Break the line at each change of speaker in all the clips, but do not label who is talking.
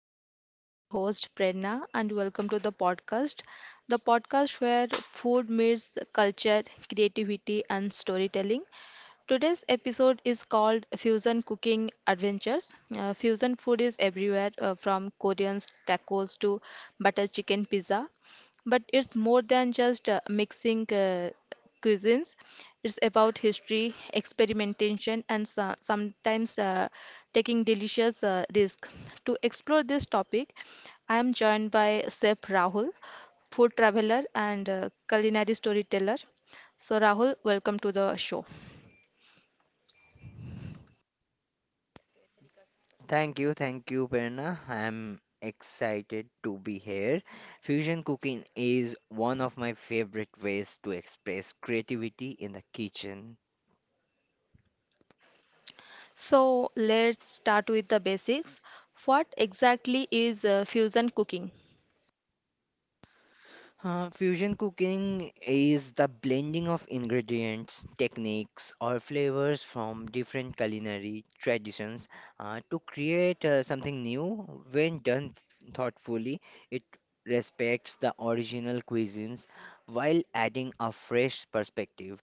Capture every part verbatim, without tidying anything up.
afternoon. I'm your host Prerna and welcome to the podcast. The podcast where food meets culture, creativity and storytelling. Today's episode is called Fusion Cooking Adventures. Uh, fusion food is everywhere, uh, from Korean tacos to butter chicken pizza. But it's more than just uh, mixing uh, cuisines, it's about history, experimentation, and so- sometimes uh, taking delicious uh, risk. To explore this topic, I am joined by Chef Rahul, food traveler and uh, culinary storyteller. So, Rahul, welcome to the show.
Thank you, thank you, Perna. I'm excited to be here. Fusion cooking is one of my favorite ways to express creativity in the kitchen.
So let's start with the basics. What exactly is uh, fusion cooking?
Uh, fusion cooking is the blending of ingredients, techniques, or flavors from different culinary traditions uh, to create uh, something new. When done thoughtfully, it respects the original cuisines while adding a fresh perspective.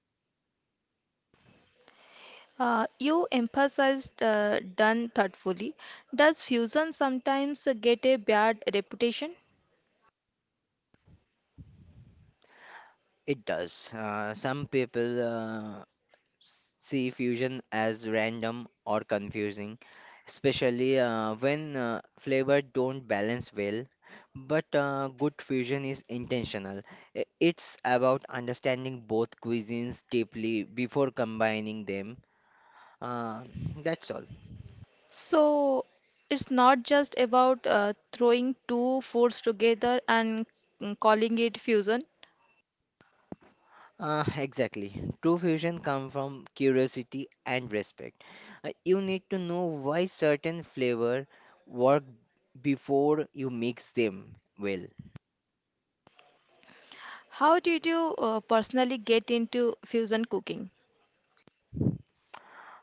Uh, you emphasized uh, done thoughtfully. Does fusion sometimes get a bad reputation?
It does. Uh, some people uh, see fusion as random or confusing, especially uh, when uh, flavor don't balance well. But uh, good fusion is intentional. I- It's about understanding both cuisines deeply before combining them. Uh, that's all.
So it's not just about uh, throwing two foods together and mm, calling it fusion.
Uh, exactly. True fusion comes from curiosity and respect. Uh, you need to know why certain flavor work before you mix them well.
How did you uh, personally get into fusion cooking?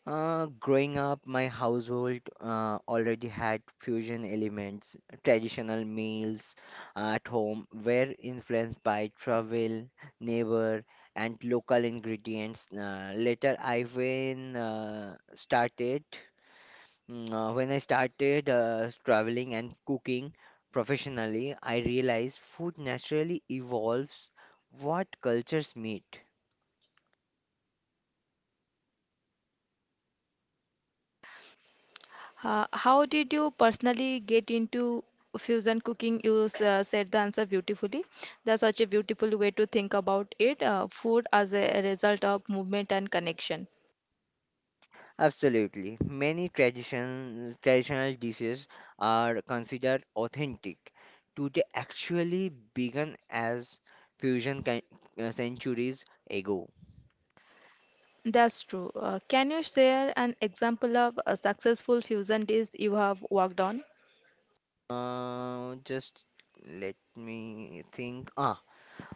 Uh, growing up, my household uh, already had fusion elements. Traditional meals uh, at home were influenced by travel, neighbor, and local ingredients. Uh, later, I when uh, started Mm, uh, when I started uh, traveling and cooking professionally, I realized food naturally evolves what cultures meet.
Uh, how did you personally get into fusion cooking? You s- uh, said the answer beautifully. That's such a beautiful way to think about it. Uh, food as a result of movement and connection.
Absolutely. Many tradition, traditional dishes are considered authentic today actually began as fusion ki- uh, centuries ago.
That's true. Uh, can you share an example of a successful fusion dish you have worked on?
Uh, just let me think. Ah.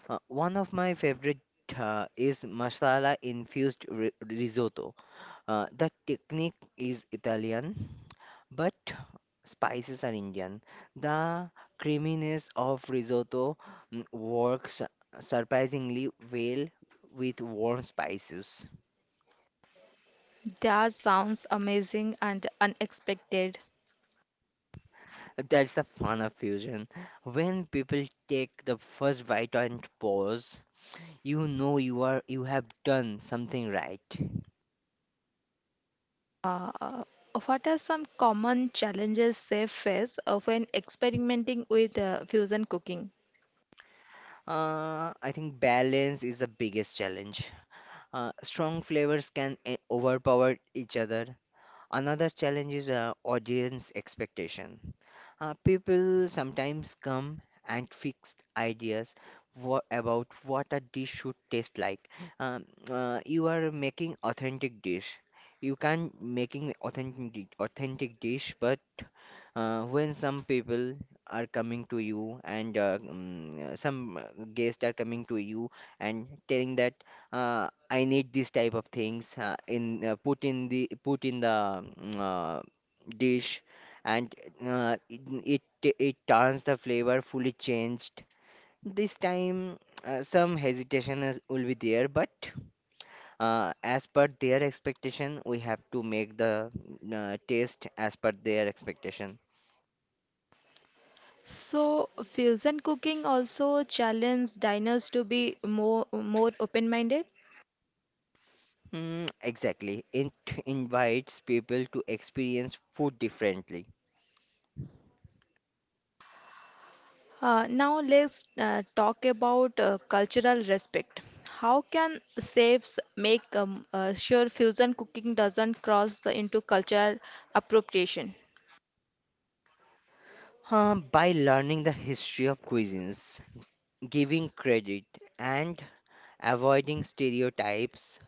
Uh, one of my favorite uh, is masala infused ri risotto. Uh, the technique is Italian, but spices are Indian. The creaminess of risotto mm, works surprisingly well with warm spices.
That sounds amazing and unexpected.
That's the fun of fusion. When people take the first bite and pause, you know you are you have done something right.
Uh, what are some common challenges chefs face uh, when experimenting with uh, fusion cooking?
Uh, I think balance is the biggest challenge. Uh, strong flavors can e- overpower each other. Another challenge is uh, audience expectation. Uh, people sometimes come and fixed ideas wha about what a dish should taste like. Um, uh, you are making authentic dish. You can making authentic di- authentic dish, but uh, when some people are coming to you and uh, mm, uh, some uh, guests are coming to you and telling that uh, I need this type of things uh, in uh, put in the put in the mm, uh, dish and uh, it, it it turns the flavor fully changed. This time uh, some hesitation is, will be there, but uh, as per their expectation, we have to make the uh, taste as per their expectation.
So, fusion cooking also challenged diners to be more more open-minded.
Mm, exactly. It invites people to experience food differently.
Uh, now let's uh, talk about uh, cultural respect. How can chefs make um, uh, sure fusion cooking doesn't cross into cultural appropriation?
Uh, by learning the history of cuisines, giving credit, and avoiding stereotypes,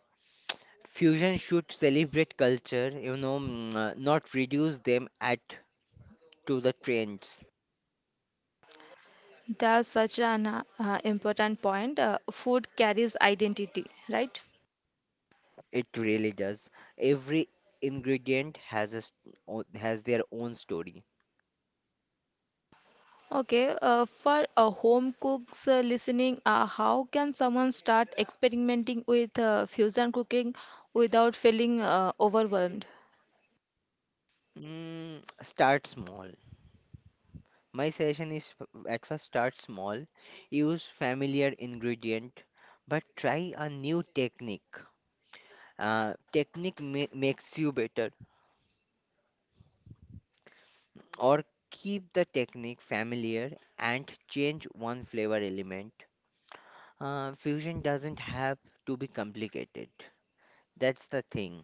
fusion should celebrate culture, you know, mm, uh, not reduce them at to the trends.
That's such an uh, important point. Uh, food carries identity, right?
It really does. Every ingredient has a s- o- has their own story.
Okay, uh, for uh, home cooks uh, listening, uh, how can someone start experimenting with uh, fusion cooking without feeling uh, overwhelmed?
Mm, start small. My suggestion is f- at first start small, use familiar ingredient, but try a new technique. Uh, technique ma- makes you better, or keep the technique familiar and change one flavor element. Uh, fusion doesn't have to be complicated. That's the thing.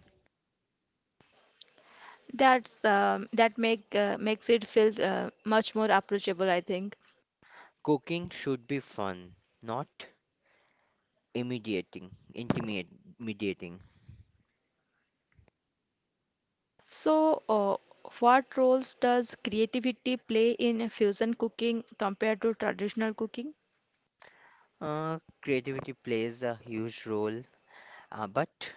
That's um, that make uh, makes it feel uh, much more approachable, I think.
Cooking should be fun, not immediating, intimidating.
So, uh, what roles does creativity play in fusion cooking compared to traditional cooking?
Uh, creativity plays a huge role, uh, but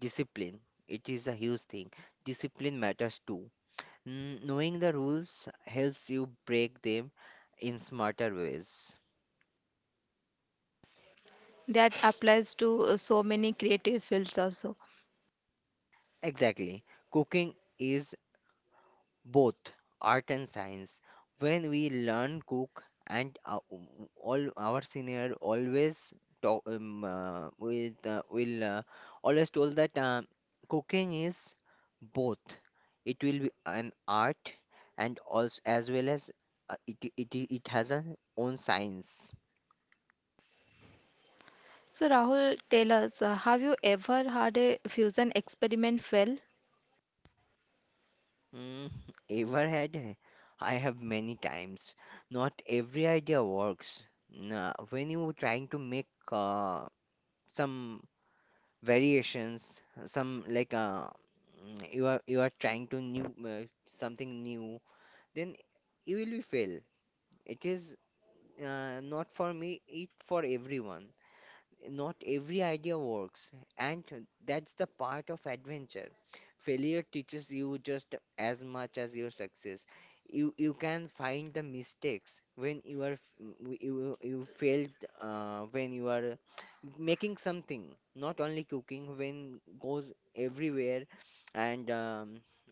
Discipline, it is a huge thing. Discipline matters too. N- knowing the rules helps you break them in smarter ways.
That applies to uh, so many creative fields also.
Exactly. Cooking is both art and science. When we learn cook and uh, w- all our senior always talk um, uh, with uh, will uh, always told that uh, cooking is both. It will be an art and also as well as uh, it, it it has an own science.
So, Rahul, tell us, uh, have you ever had a fusion experiment fail?
mm, Ever had, eh? I have many times. Not every idea works. Nah, when you were trying to make uh, some variations, some like uh, mm, you are you are trying to new uh, something new, then you will be fail. It is uh, not for me, it for everyone. Not every idea works, and that's the part of adventure. Failure teaches you just as much as your success. You you can find the mistakes when you are f- you you failed uh, when you are making something, not only cooking. When goes everywhere, and um,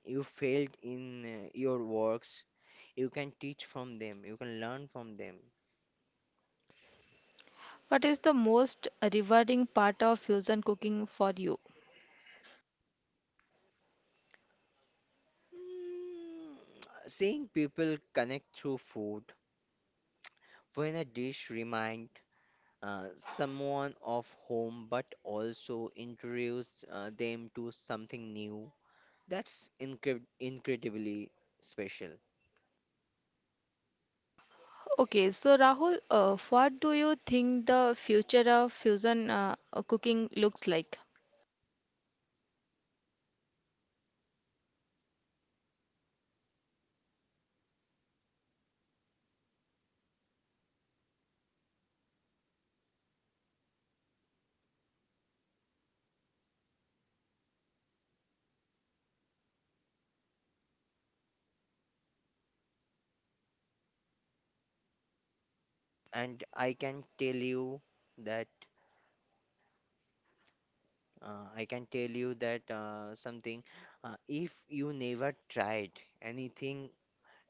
you failed in uh, your works, you can teach from them. You can learn from them.
What is the most rewarding part of fusion cooking for you?
Mm, Seeing people connect through food, when a dish reminds uh, someone of home but also introduces uh, them to something new, that's incre- incredibly special.
Okay, so Rahul, uh, what do you think the future of fusion uh, cooking looks like?
And I can tell you that uh, I can tell you that uh, something, uh, if you never tried anything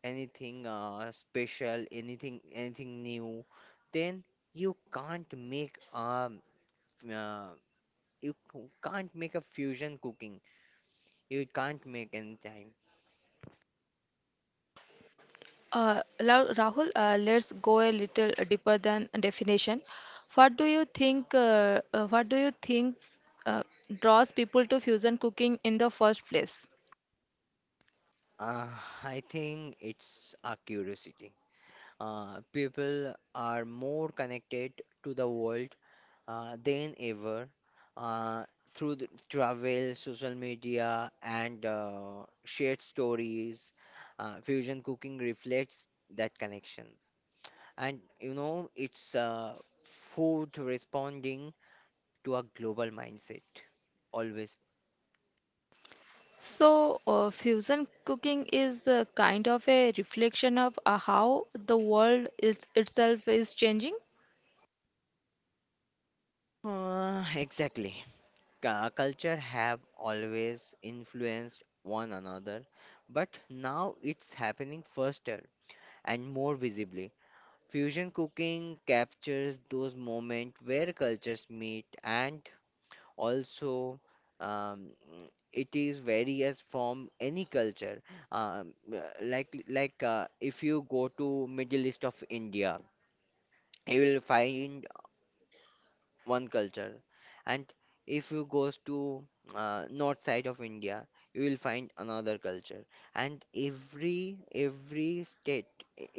anything uh, special, anything anything new, then you can't make um uh, you c- can't make a fusion cooking. You can't make any time.
Uh, Ra- Rahul, uh, let's go a little deeper than definition. What do you think? Uh, uh, what do you think uh, draws people to fusion cooking in the first place?
Uh, I think it's a curiosity. Uh, people are more connected to the world uh, than ever uh, through the travel, social media, and uh, shared stories. Uh, fusion cooking reflects that connection. And you know, it's uh, food responding to a global mindset, always.
So, uh, fusion cooking is a kind of a reflection of uh, how the world is itself is changing.
Uh, exactly. Cu- culture have always influenced one another, but now it's happening faster and more visibly. Fusion cooking captures those moments where cultures meet and also, um, it is various from any culture. Um, uh, like like uh, if you go to middle east of india, you will find one culture. And if you goes to uh, north side of India, you will find another culture. And every every state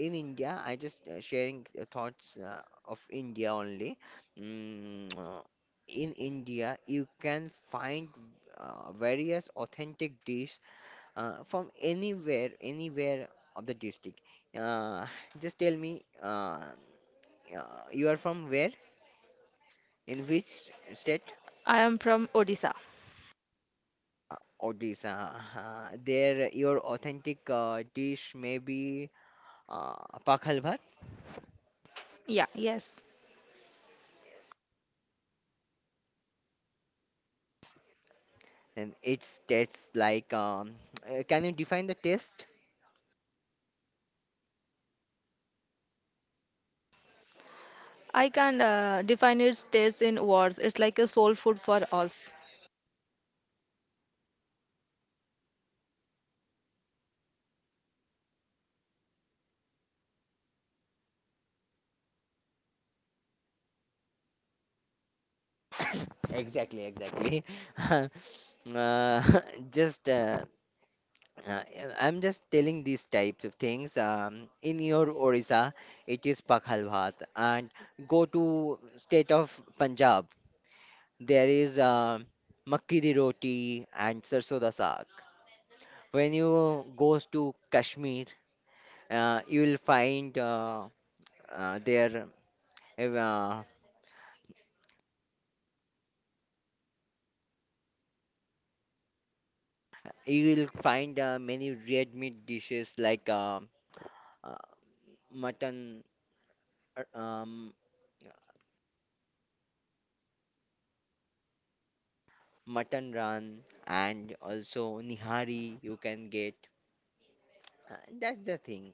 in India, I just uh, sharing uh, thoughts uh, of India only. Mm, uh, in India, you can find uh, various authentic dish uh, from anywhere, anywhere of the district. Uh, just tell me, uh, uh, you are from where? In which state?
I am from Odisha.
Odisha. Uh, uh, there, your authentic uh, dish may be uh, pakhal bhat,
Yeah, yes.
and it tastes like. Um, uh, can you define the taste?
I can uh, define its taste in words. It's like a soul food for us.
Exactly, exactly. Uh, just, uh, uh, I'm just telling these types of things. Um, in your Odisha, it is pakhal bhat, and go to state of Punjab. There is uh, makki di roti and sarson da saag. When you goes to Kashmir, uh, you will find uh, uh, there uh, you will find uh, many red meat dishes like uh, uh, mutton, uh, um, mutton run, and also nihari you can get. Uh, that's the thing.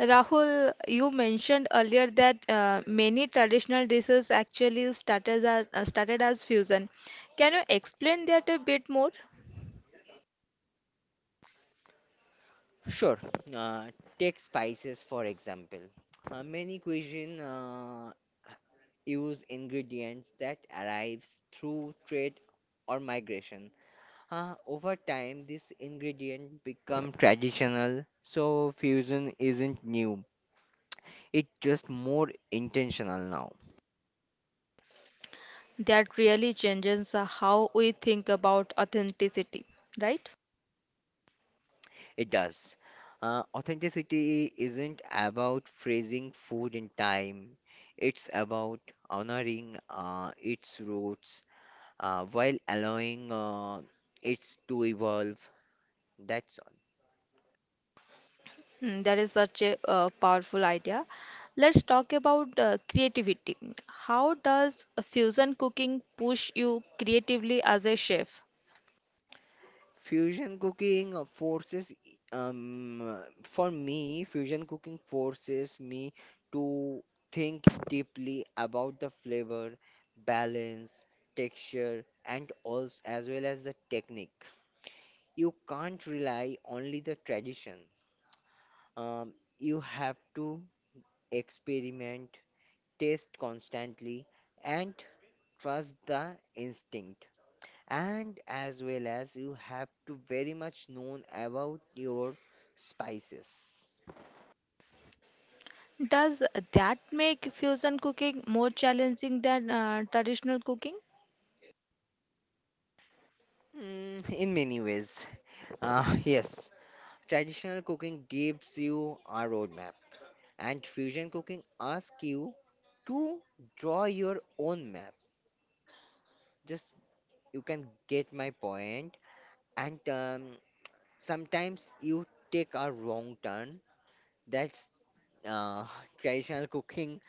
Rahul, you mentioned earlier that uh, many traditional dishes actually started as, uh, started as fusion. Can you explain that a bit more?
Sure. Uh, Take spices for example. Uh, many cuisine uh, use ingredients that arrives through trade or migration. Uh, over time, this ingredient become traditional, so fusion isn't new. It's just more intentional now.
That really changes uh, how we think about authenticity, right?
It does. Uh, authenticity isn't about phrasing food in time. It's about honoring uh, its roots uh, while allowing uh, it to evolve. That's all.
Hmm, that is such a uh, powerful idea. Let's talk about uh, creativity. How does fusion cooking push you creatively as a chef?
Fusion cooking uh, forces, um, for me, fusion cooking forces me to think deeply about the flavor, balance, texture, and also as well as the technique. You can't rely only the tradition. Um, you have to experiment, taste constantly, and trust the instinct, and as well as you have to very much known about your spices.
Does that make fusion cooking more challenging than uh, traditional cooking?
Mm, in many ways, uh, yes. Traditional cooking gives you a roadmap and fusion cooking asks you to draw your own map. Just you can get my point point. and um, sometimes you take a wrong turn. That's uh, traditional cooking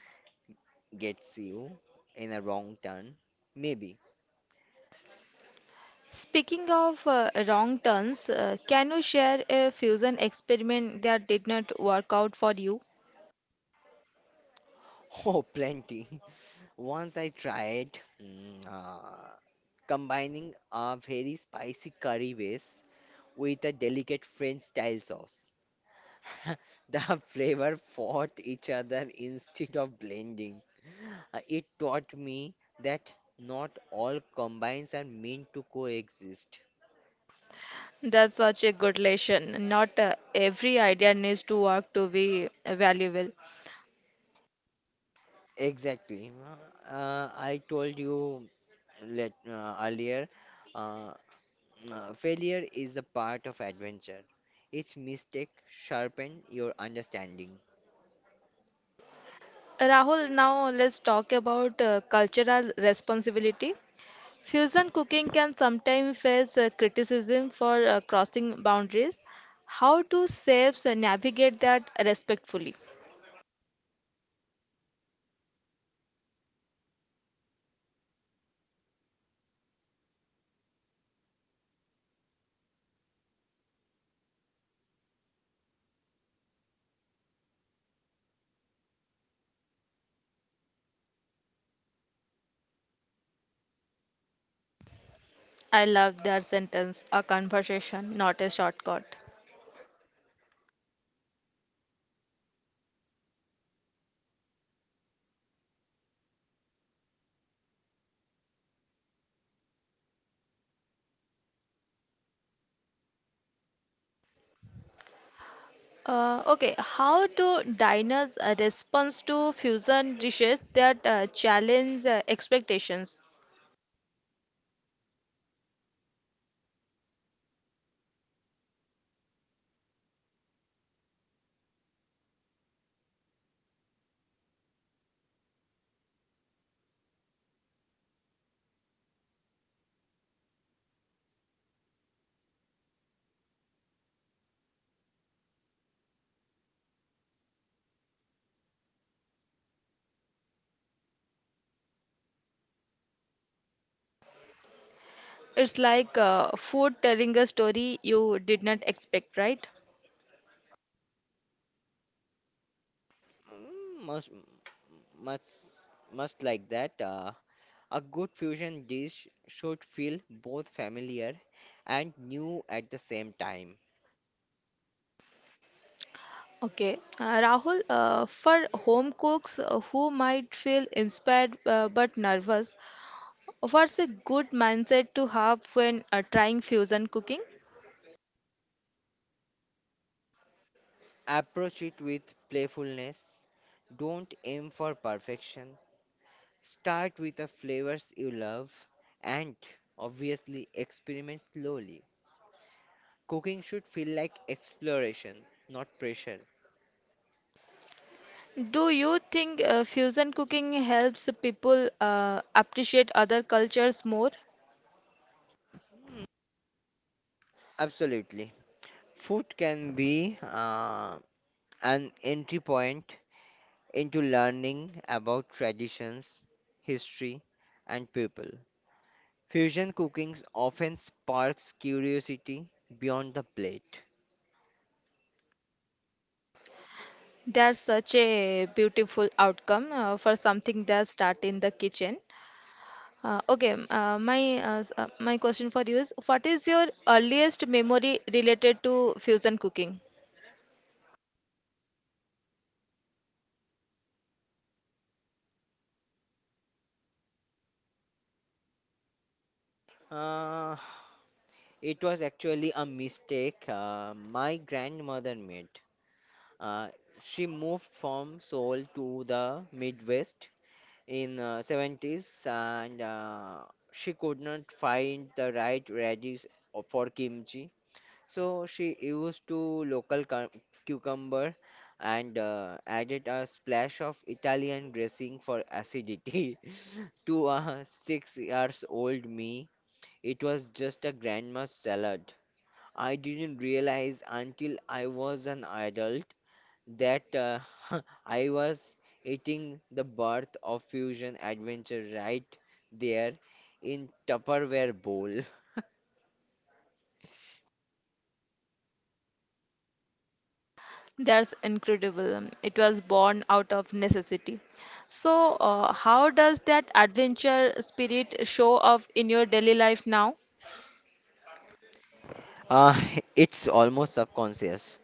gets you in a wrong turn, maybe.
Speaking of uh, wrong turns, uh, can you share a fusion experiment that did not work out for you?
Oh, plenty. Once I tried mm, uh, combining a very spicy curry base with a delicate French style sauce. The flavor fought each other instead of blending. Uh, It taught me that not all combines are meant to coexist.
That's such a good lesson. Not uh, every idea needs to work to be valuable.
Exactly. Uh, I told you let, uh, earlier, uh, Uh, failure is the part of adventure. Each mistake sharpen your understanding.
Rahul, now let's talk about uh, cultural responsibility. Fusion cooking can sometimes face uh, criticism for uh, crossing boundaries. How do chefs navigate that respectfully? I love that sentence, a conversation, not a shortcut. Uh, okay, how do diners uh, respond to fusion dishes that uh, challenge uh, expectations? It's like uh, food telling a story you did not expect, right?
Mm, Most, much, Much like that. Uh, a good fusion dish should feel both familiar and new at the same time.
Okay, uh, Rahul, uh, for home cooks uh, who might feel inspired uh, but nervous, what's a good mindset to have when uh, trying fusion cooking?
Approach it with playfulness. Don't aim for perfection. Start with the flavors you love and obviously experiment slowly. Cooking should feel like exploration, not pressure.
Do you think uh, fusion cooking helps people uh, appreciate other cultures more?
Absolutely. Food can be uh, an entry point into learning about traditions, history, and people. Fusion cooking often sparks curiosity beyond the plate.
That's such a beautiful outcome uh, for something that start in the kitchen. Uh, okay, m- uh, my uh, s- uh, my question for you is, what is your earliest memory related to fusion cooking?
Uh, it was actually a mistake uh, my grandmother made. Uh, she moved from Seoul to the Midwest in uh, seventies and uh, she could not find the right radis for kimchi, so she used to local cu- cucumber and uh, added a splash of italian dressing for acidity. To a six years old me, it was just a grandma's salad. I didn't realize until I was an adult that uh, I was eating the birth of fusion adventure right there in Tupperware bowl.
That's incredible. Um, It was born out of necessity. So, uh, how does that adventure spirit show up in your daily life now?
Uh, it's almost subconscious.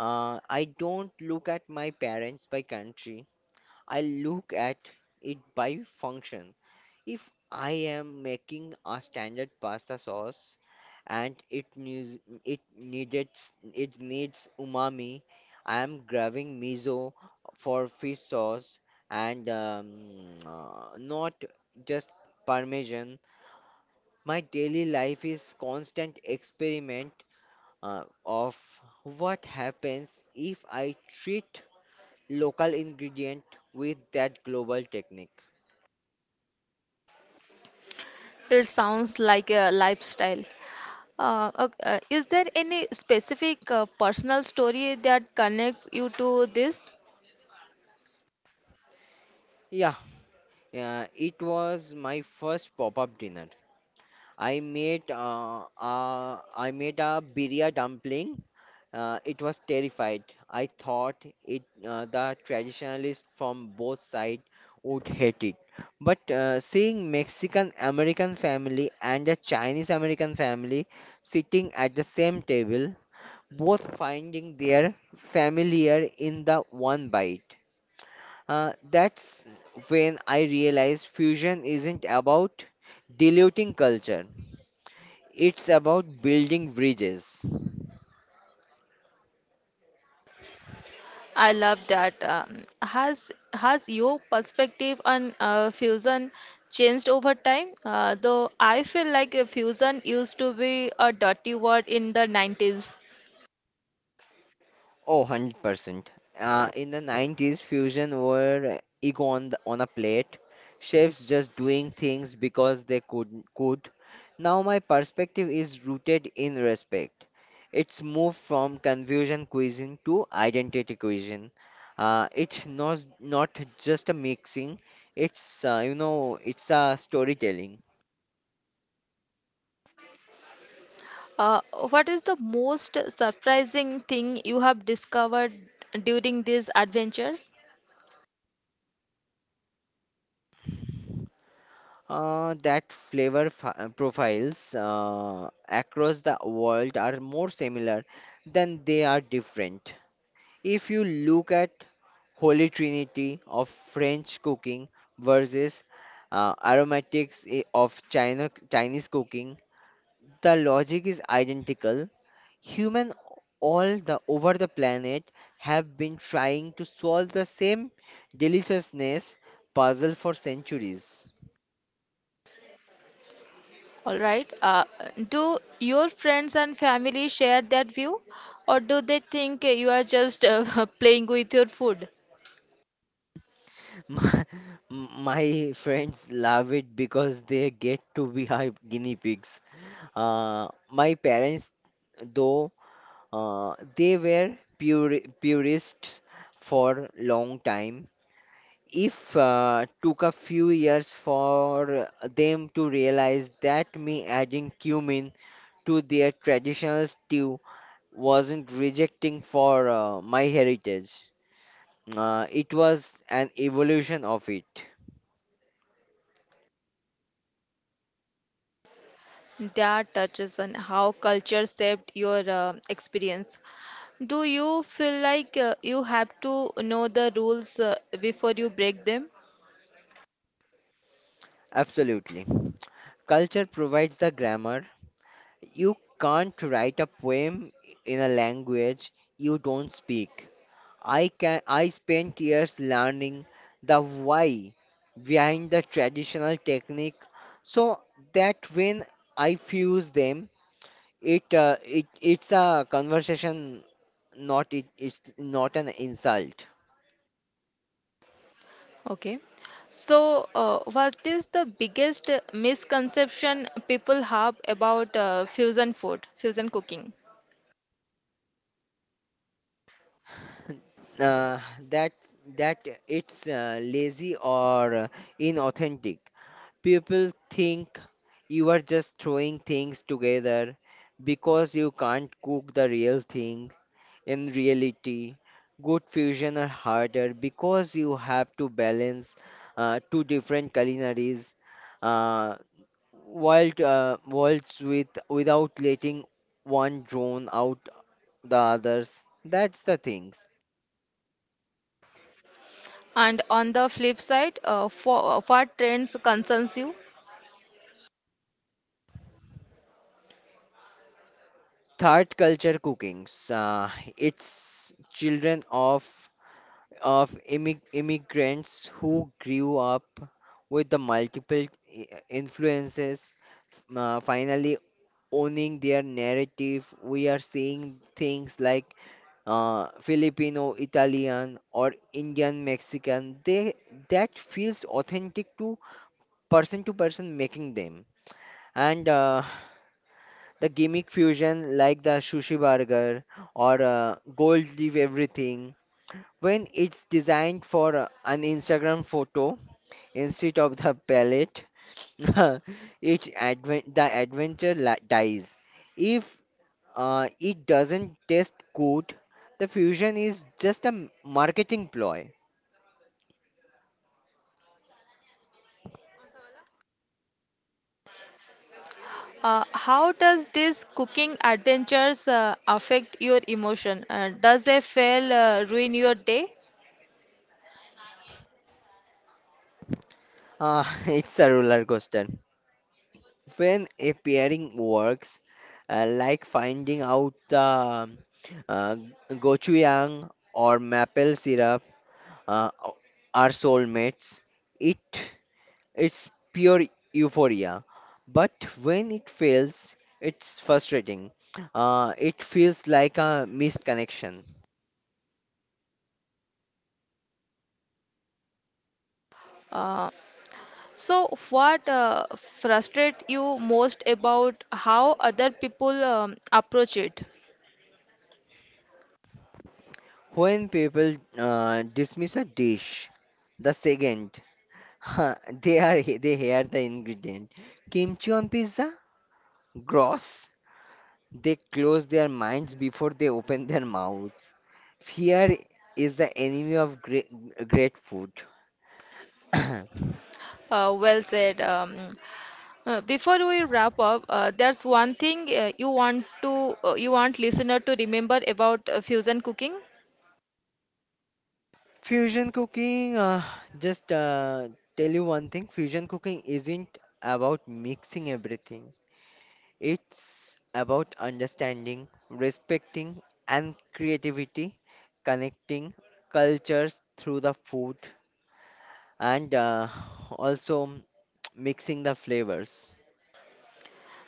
Uh, I don't look at my parents by country. I look at it by function. If I am making a standard pasta sauce and it needs it needed it needs umami, I am grabbing miso for fish sauce and um, uh, not just parmesan. My daily life is constant experiment uh, of what happens if I treat local ingredient with that global technique.
It sounds like a lifestyle. Uh, ok- uh, is there any specific uh, personal story that connects you to this?
Yeah. Uh, it was my first pop-up dinner. I made uh, uh, I made a birria dumpling. Uh, it was terrified. I thought it uh, the traditionalists from both sides would hate it. But uh, seeing Mexican American family and a Chinese American family sitting at the same table, both finding their familiar in the one bite, uh, that's when I realized fusion isn't about diluting culture, it's about building bridges.
I love that. Um, has has your perspective on uh, fusion changed over time? Uh, though I feel like uh, fusion used to be a dirty word in the nineties.
Oh, one hundred percent. Uh, in the nineties, fusion were ego on, the, on a plate, chefs just doing things because they could, could. Now, my perspective is rooted in respect. It's moved from confusion cuisine to identity cuisine. Uh, it's not, not just a mixing, it's, uh, you know, it's a storytelling.
Uh, what is the most surprising thing you have discovered during these adventures?
Uh, that flavor fi- uh, profiles uh, across the world are more similar than they are different. If you look at Holy Trinity of French cooking versus uh, aromatics i- of China, Chinese cooking, the logic is identical. Human all the over the planet have been trying to solve the same deliciousness puzzle for centuries.
All right. Uh, do your friends and family share that view, or do they think you are just uh, playing with your food?
My, my friends love it because they get to be our guinea pigs. Uh, my parents, though, uh, they were pure, purists for long time. If uh, took a few years for them to realize that me adding cumin to their traditional stew wasn't rejecting for uh, my heritage. Uh, it was an evolution of it.
That touches on how culture shaped your uh, experience. Do you feel like uh, you have to know the rules uh, before you break them?
Absolutely. Culture provides the grammar. You can't write a poem in a language you don't speak. I can I spent years learning the why behind the traditional technique, so that when I fuse them, it uh, it it's a conversation, not it, it's not an insult.
Okay. So, uh, what is the biggest misconception people have about uh, fusion food, fusion cooking?
Uh, that that it's uh, lazy or uh, inauthentic. People think you are just throwing things together because you can't cook the real thing. In reality, good fusion are harder because you have to balance uh, two different culinaries uh, world, uh, worlds with without letting one drone out the others. That's the things.
And on the flip side, uh, for uh, what trends concerns you?
Third culture cookings. Uh, it's children of of immig- immigrants who grew up with the multiple i- influences, uh, finally owning their narrative. We are seeing things like uh, Filipino, Italian, or Indian, Mexican. They That feels authentic to person to person making them. And uh, the gimmick fusion like the sushi burger or uh, gold leaf everything, when it's designed for uh, an Instagram photo instead of the pellet, it advent the adventure la- dies. If uh, it doesn't taste good, the fusion is just a m- marketing ploy.
Uh, how does this cooking adventures uh, affect your emotion? Uh, does a fail uh, ruin your day?
Uh, it's a roller coaster. When a pairing works, uh, like finding out the uh, gochujang or maple syrup uh, are soulmates, it it's pure euphoria. But when it fails, it's frustrating. Uh, it feels like a missed connection.
Uh, so, what uh, frustrate you most about how other people um, approach it?
When people uh, dismiss a dish, the second huh, they are they hear the ingredient, kimchi on pizza, gross. They close their minds before they open their mouths. Fear is the enemy of great, great food.
Uh, well said. Um, Uh, before we wrap up, uh, there's one thing uh, you want to uh, you want listener to remember about uh, fusion cooking.
Fusion cooking, uh, just uh, tell you one thing, fusion cooking isn't about mixing everything. It's about understanding, respecting, and creativity, connecting cultures through the food, and uh, also mixing the flavors.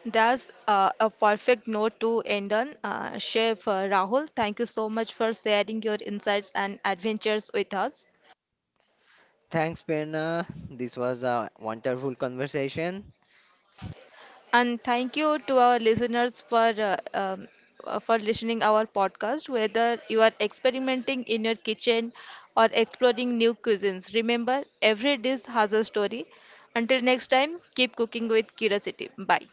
That's uh, a perfect note to end on. Uh, Chef uh, Rahul, thank you so much for sharing your insights and adventures with us.
Thanks, Prerna. This was a wonderful conversation.
And thank you to our listeners for uh, um, uh, for listening our podcast. Whether you are experimenting in your kitchen or exploring new cuisines, remember every dish has a story. Until next time, keep cooking with curiosity. Bye.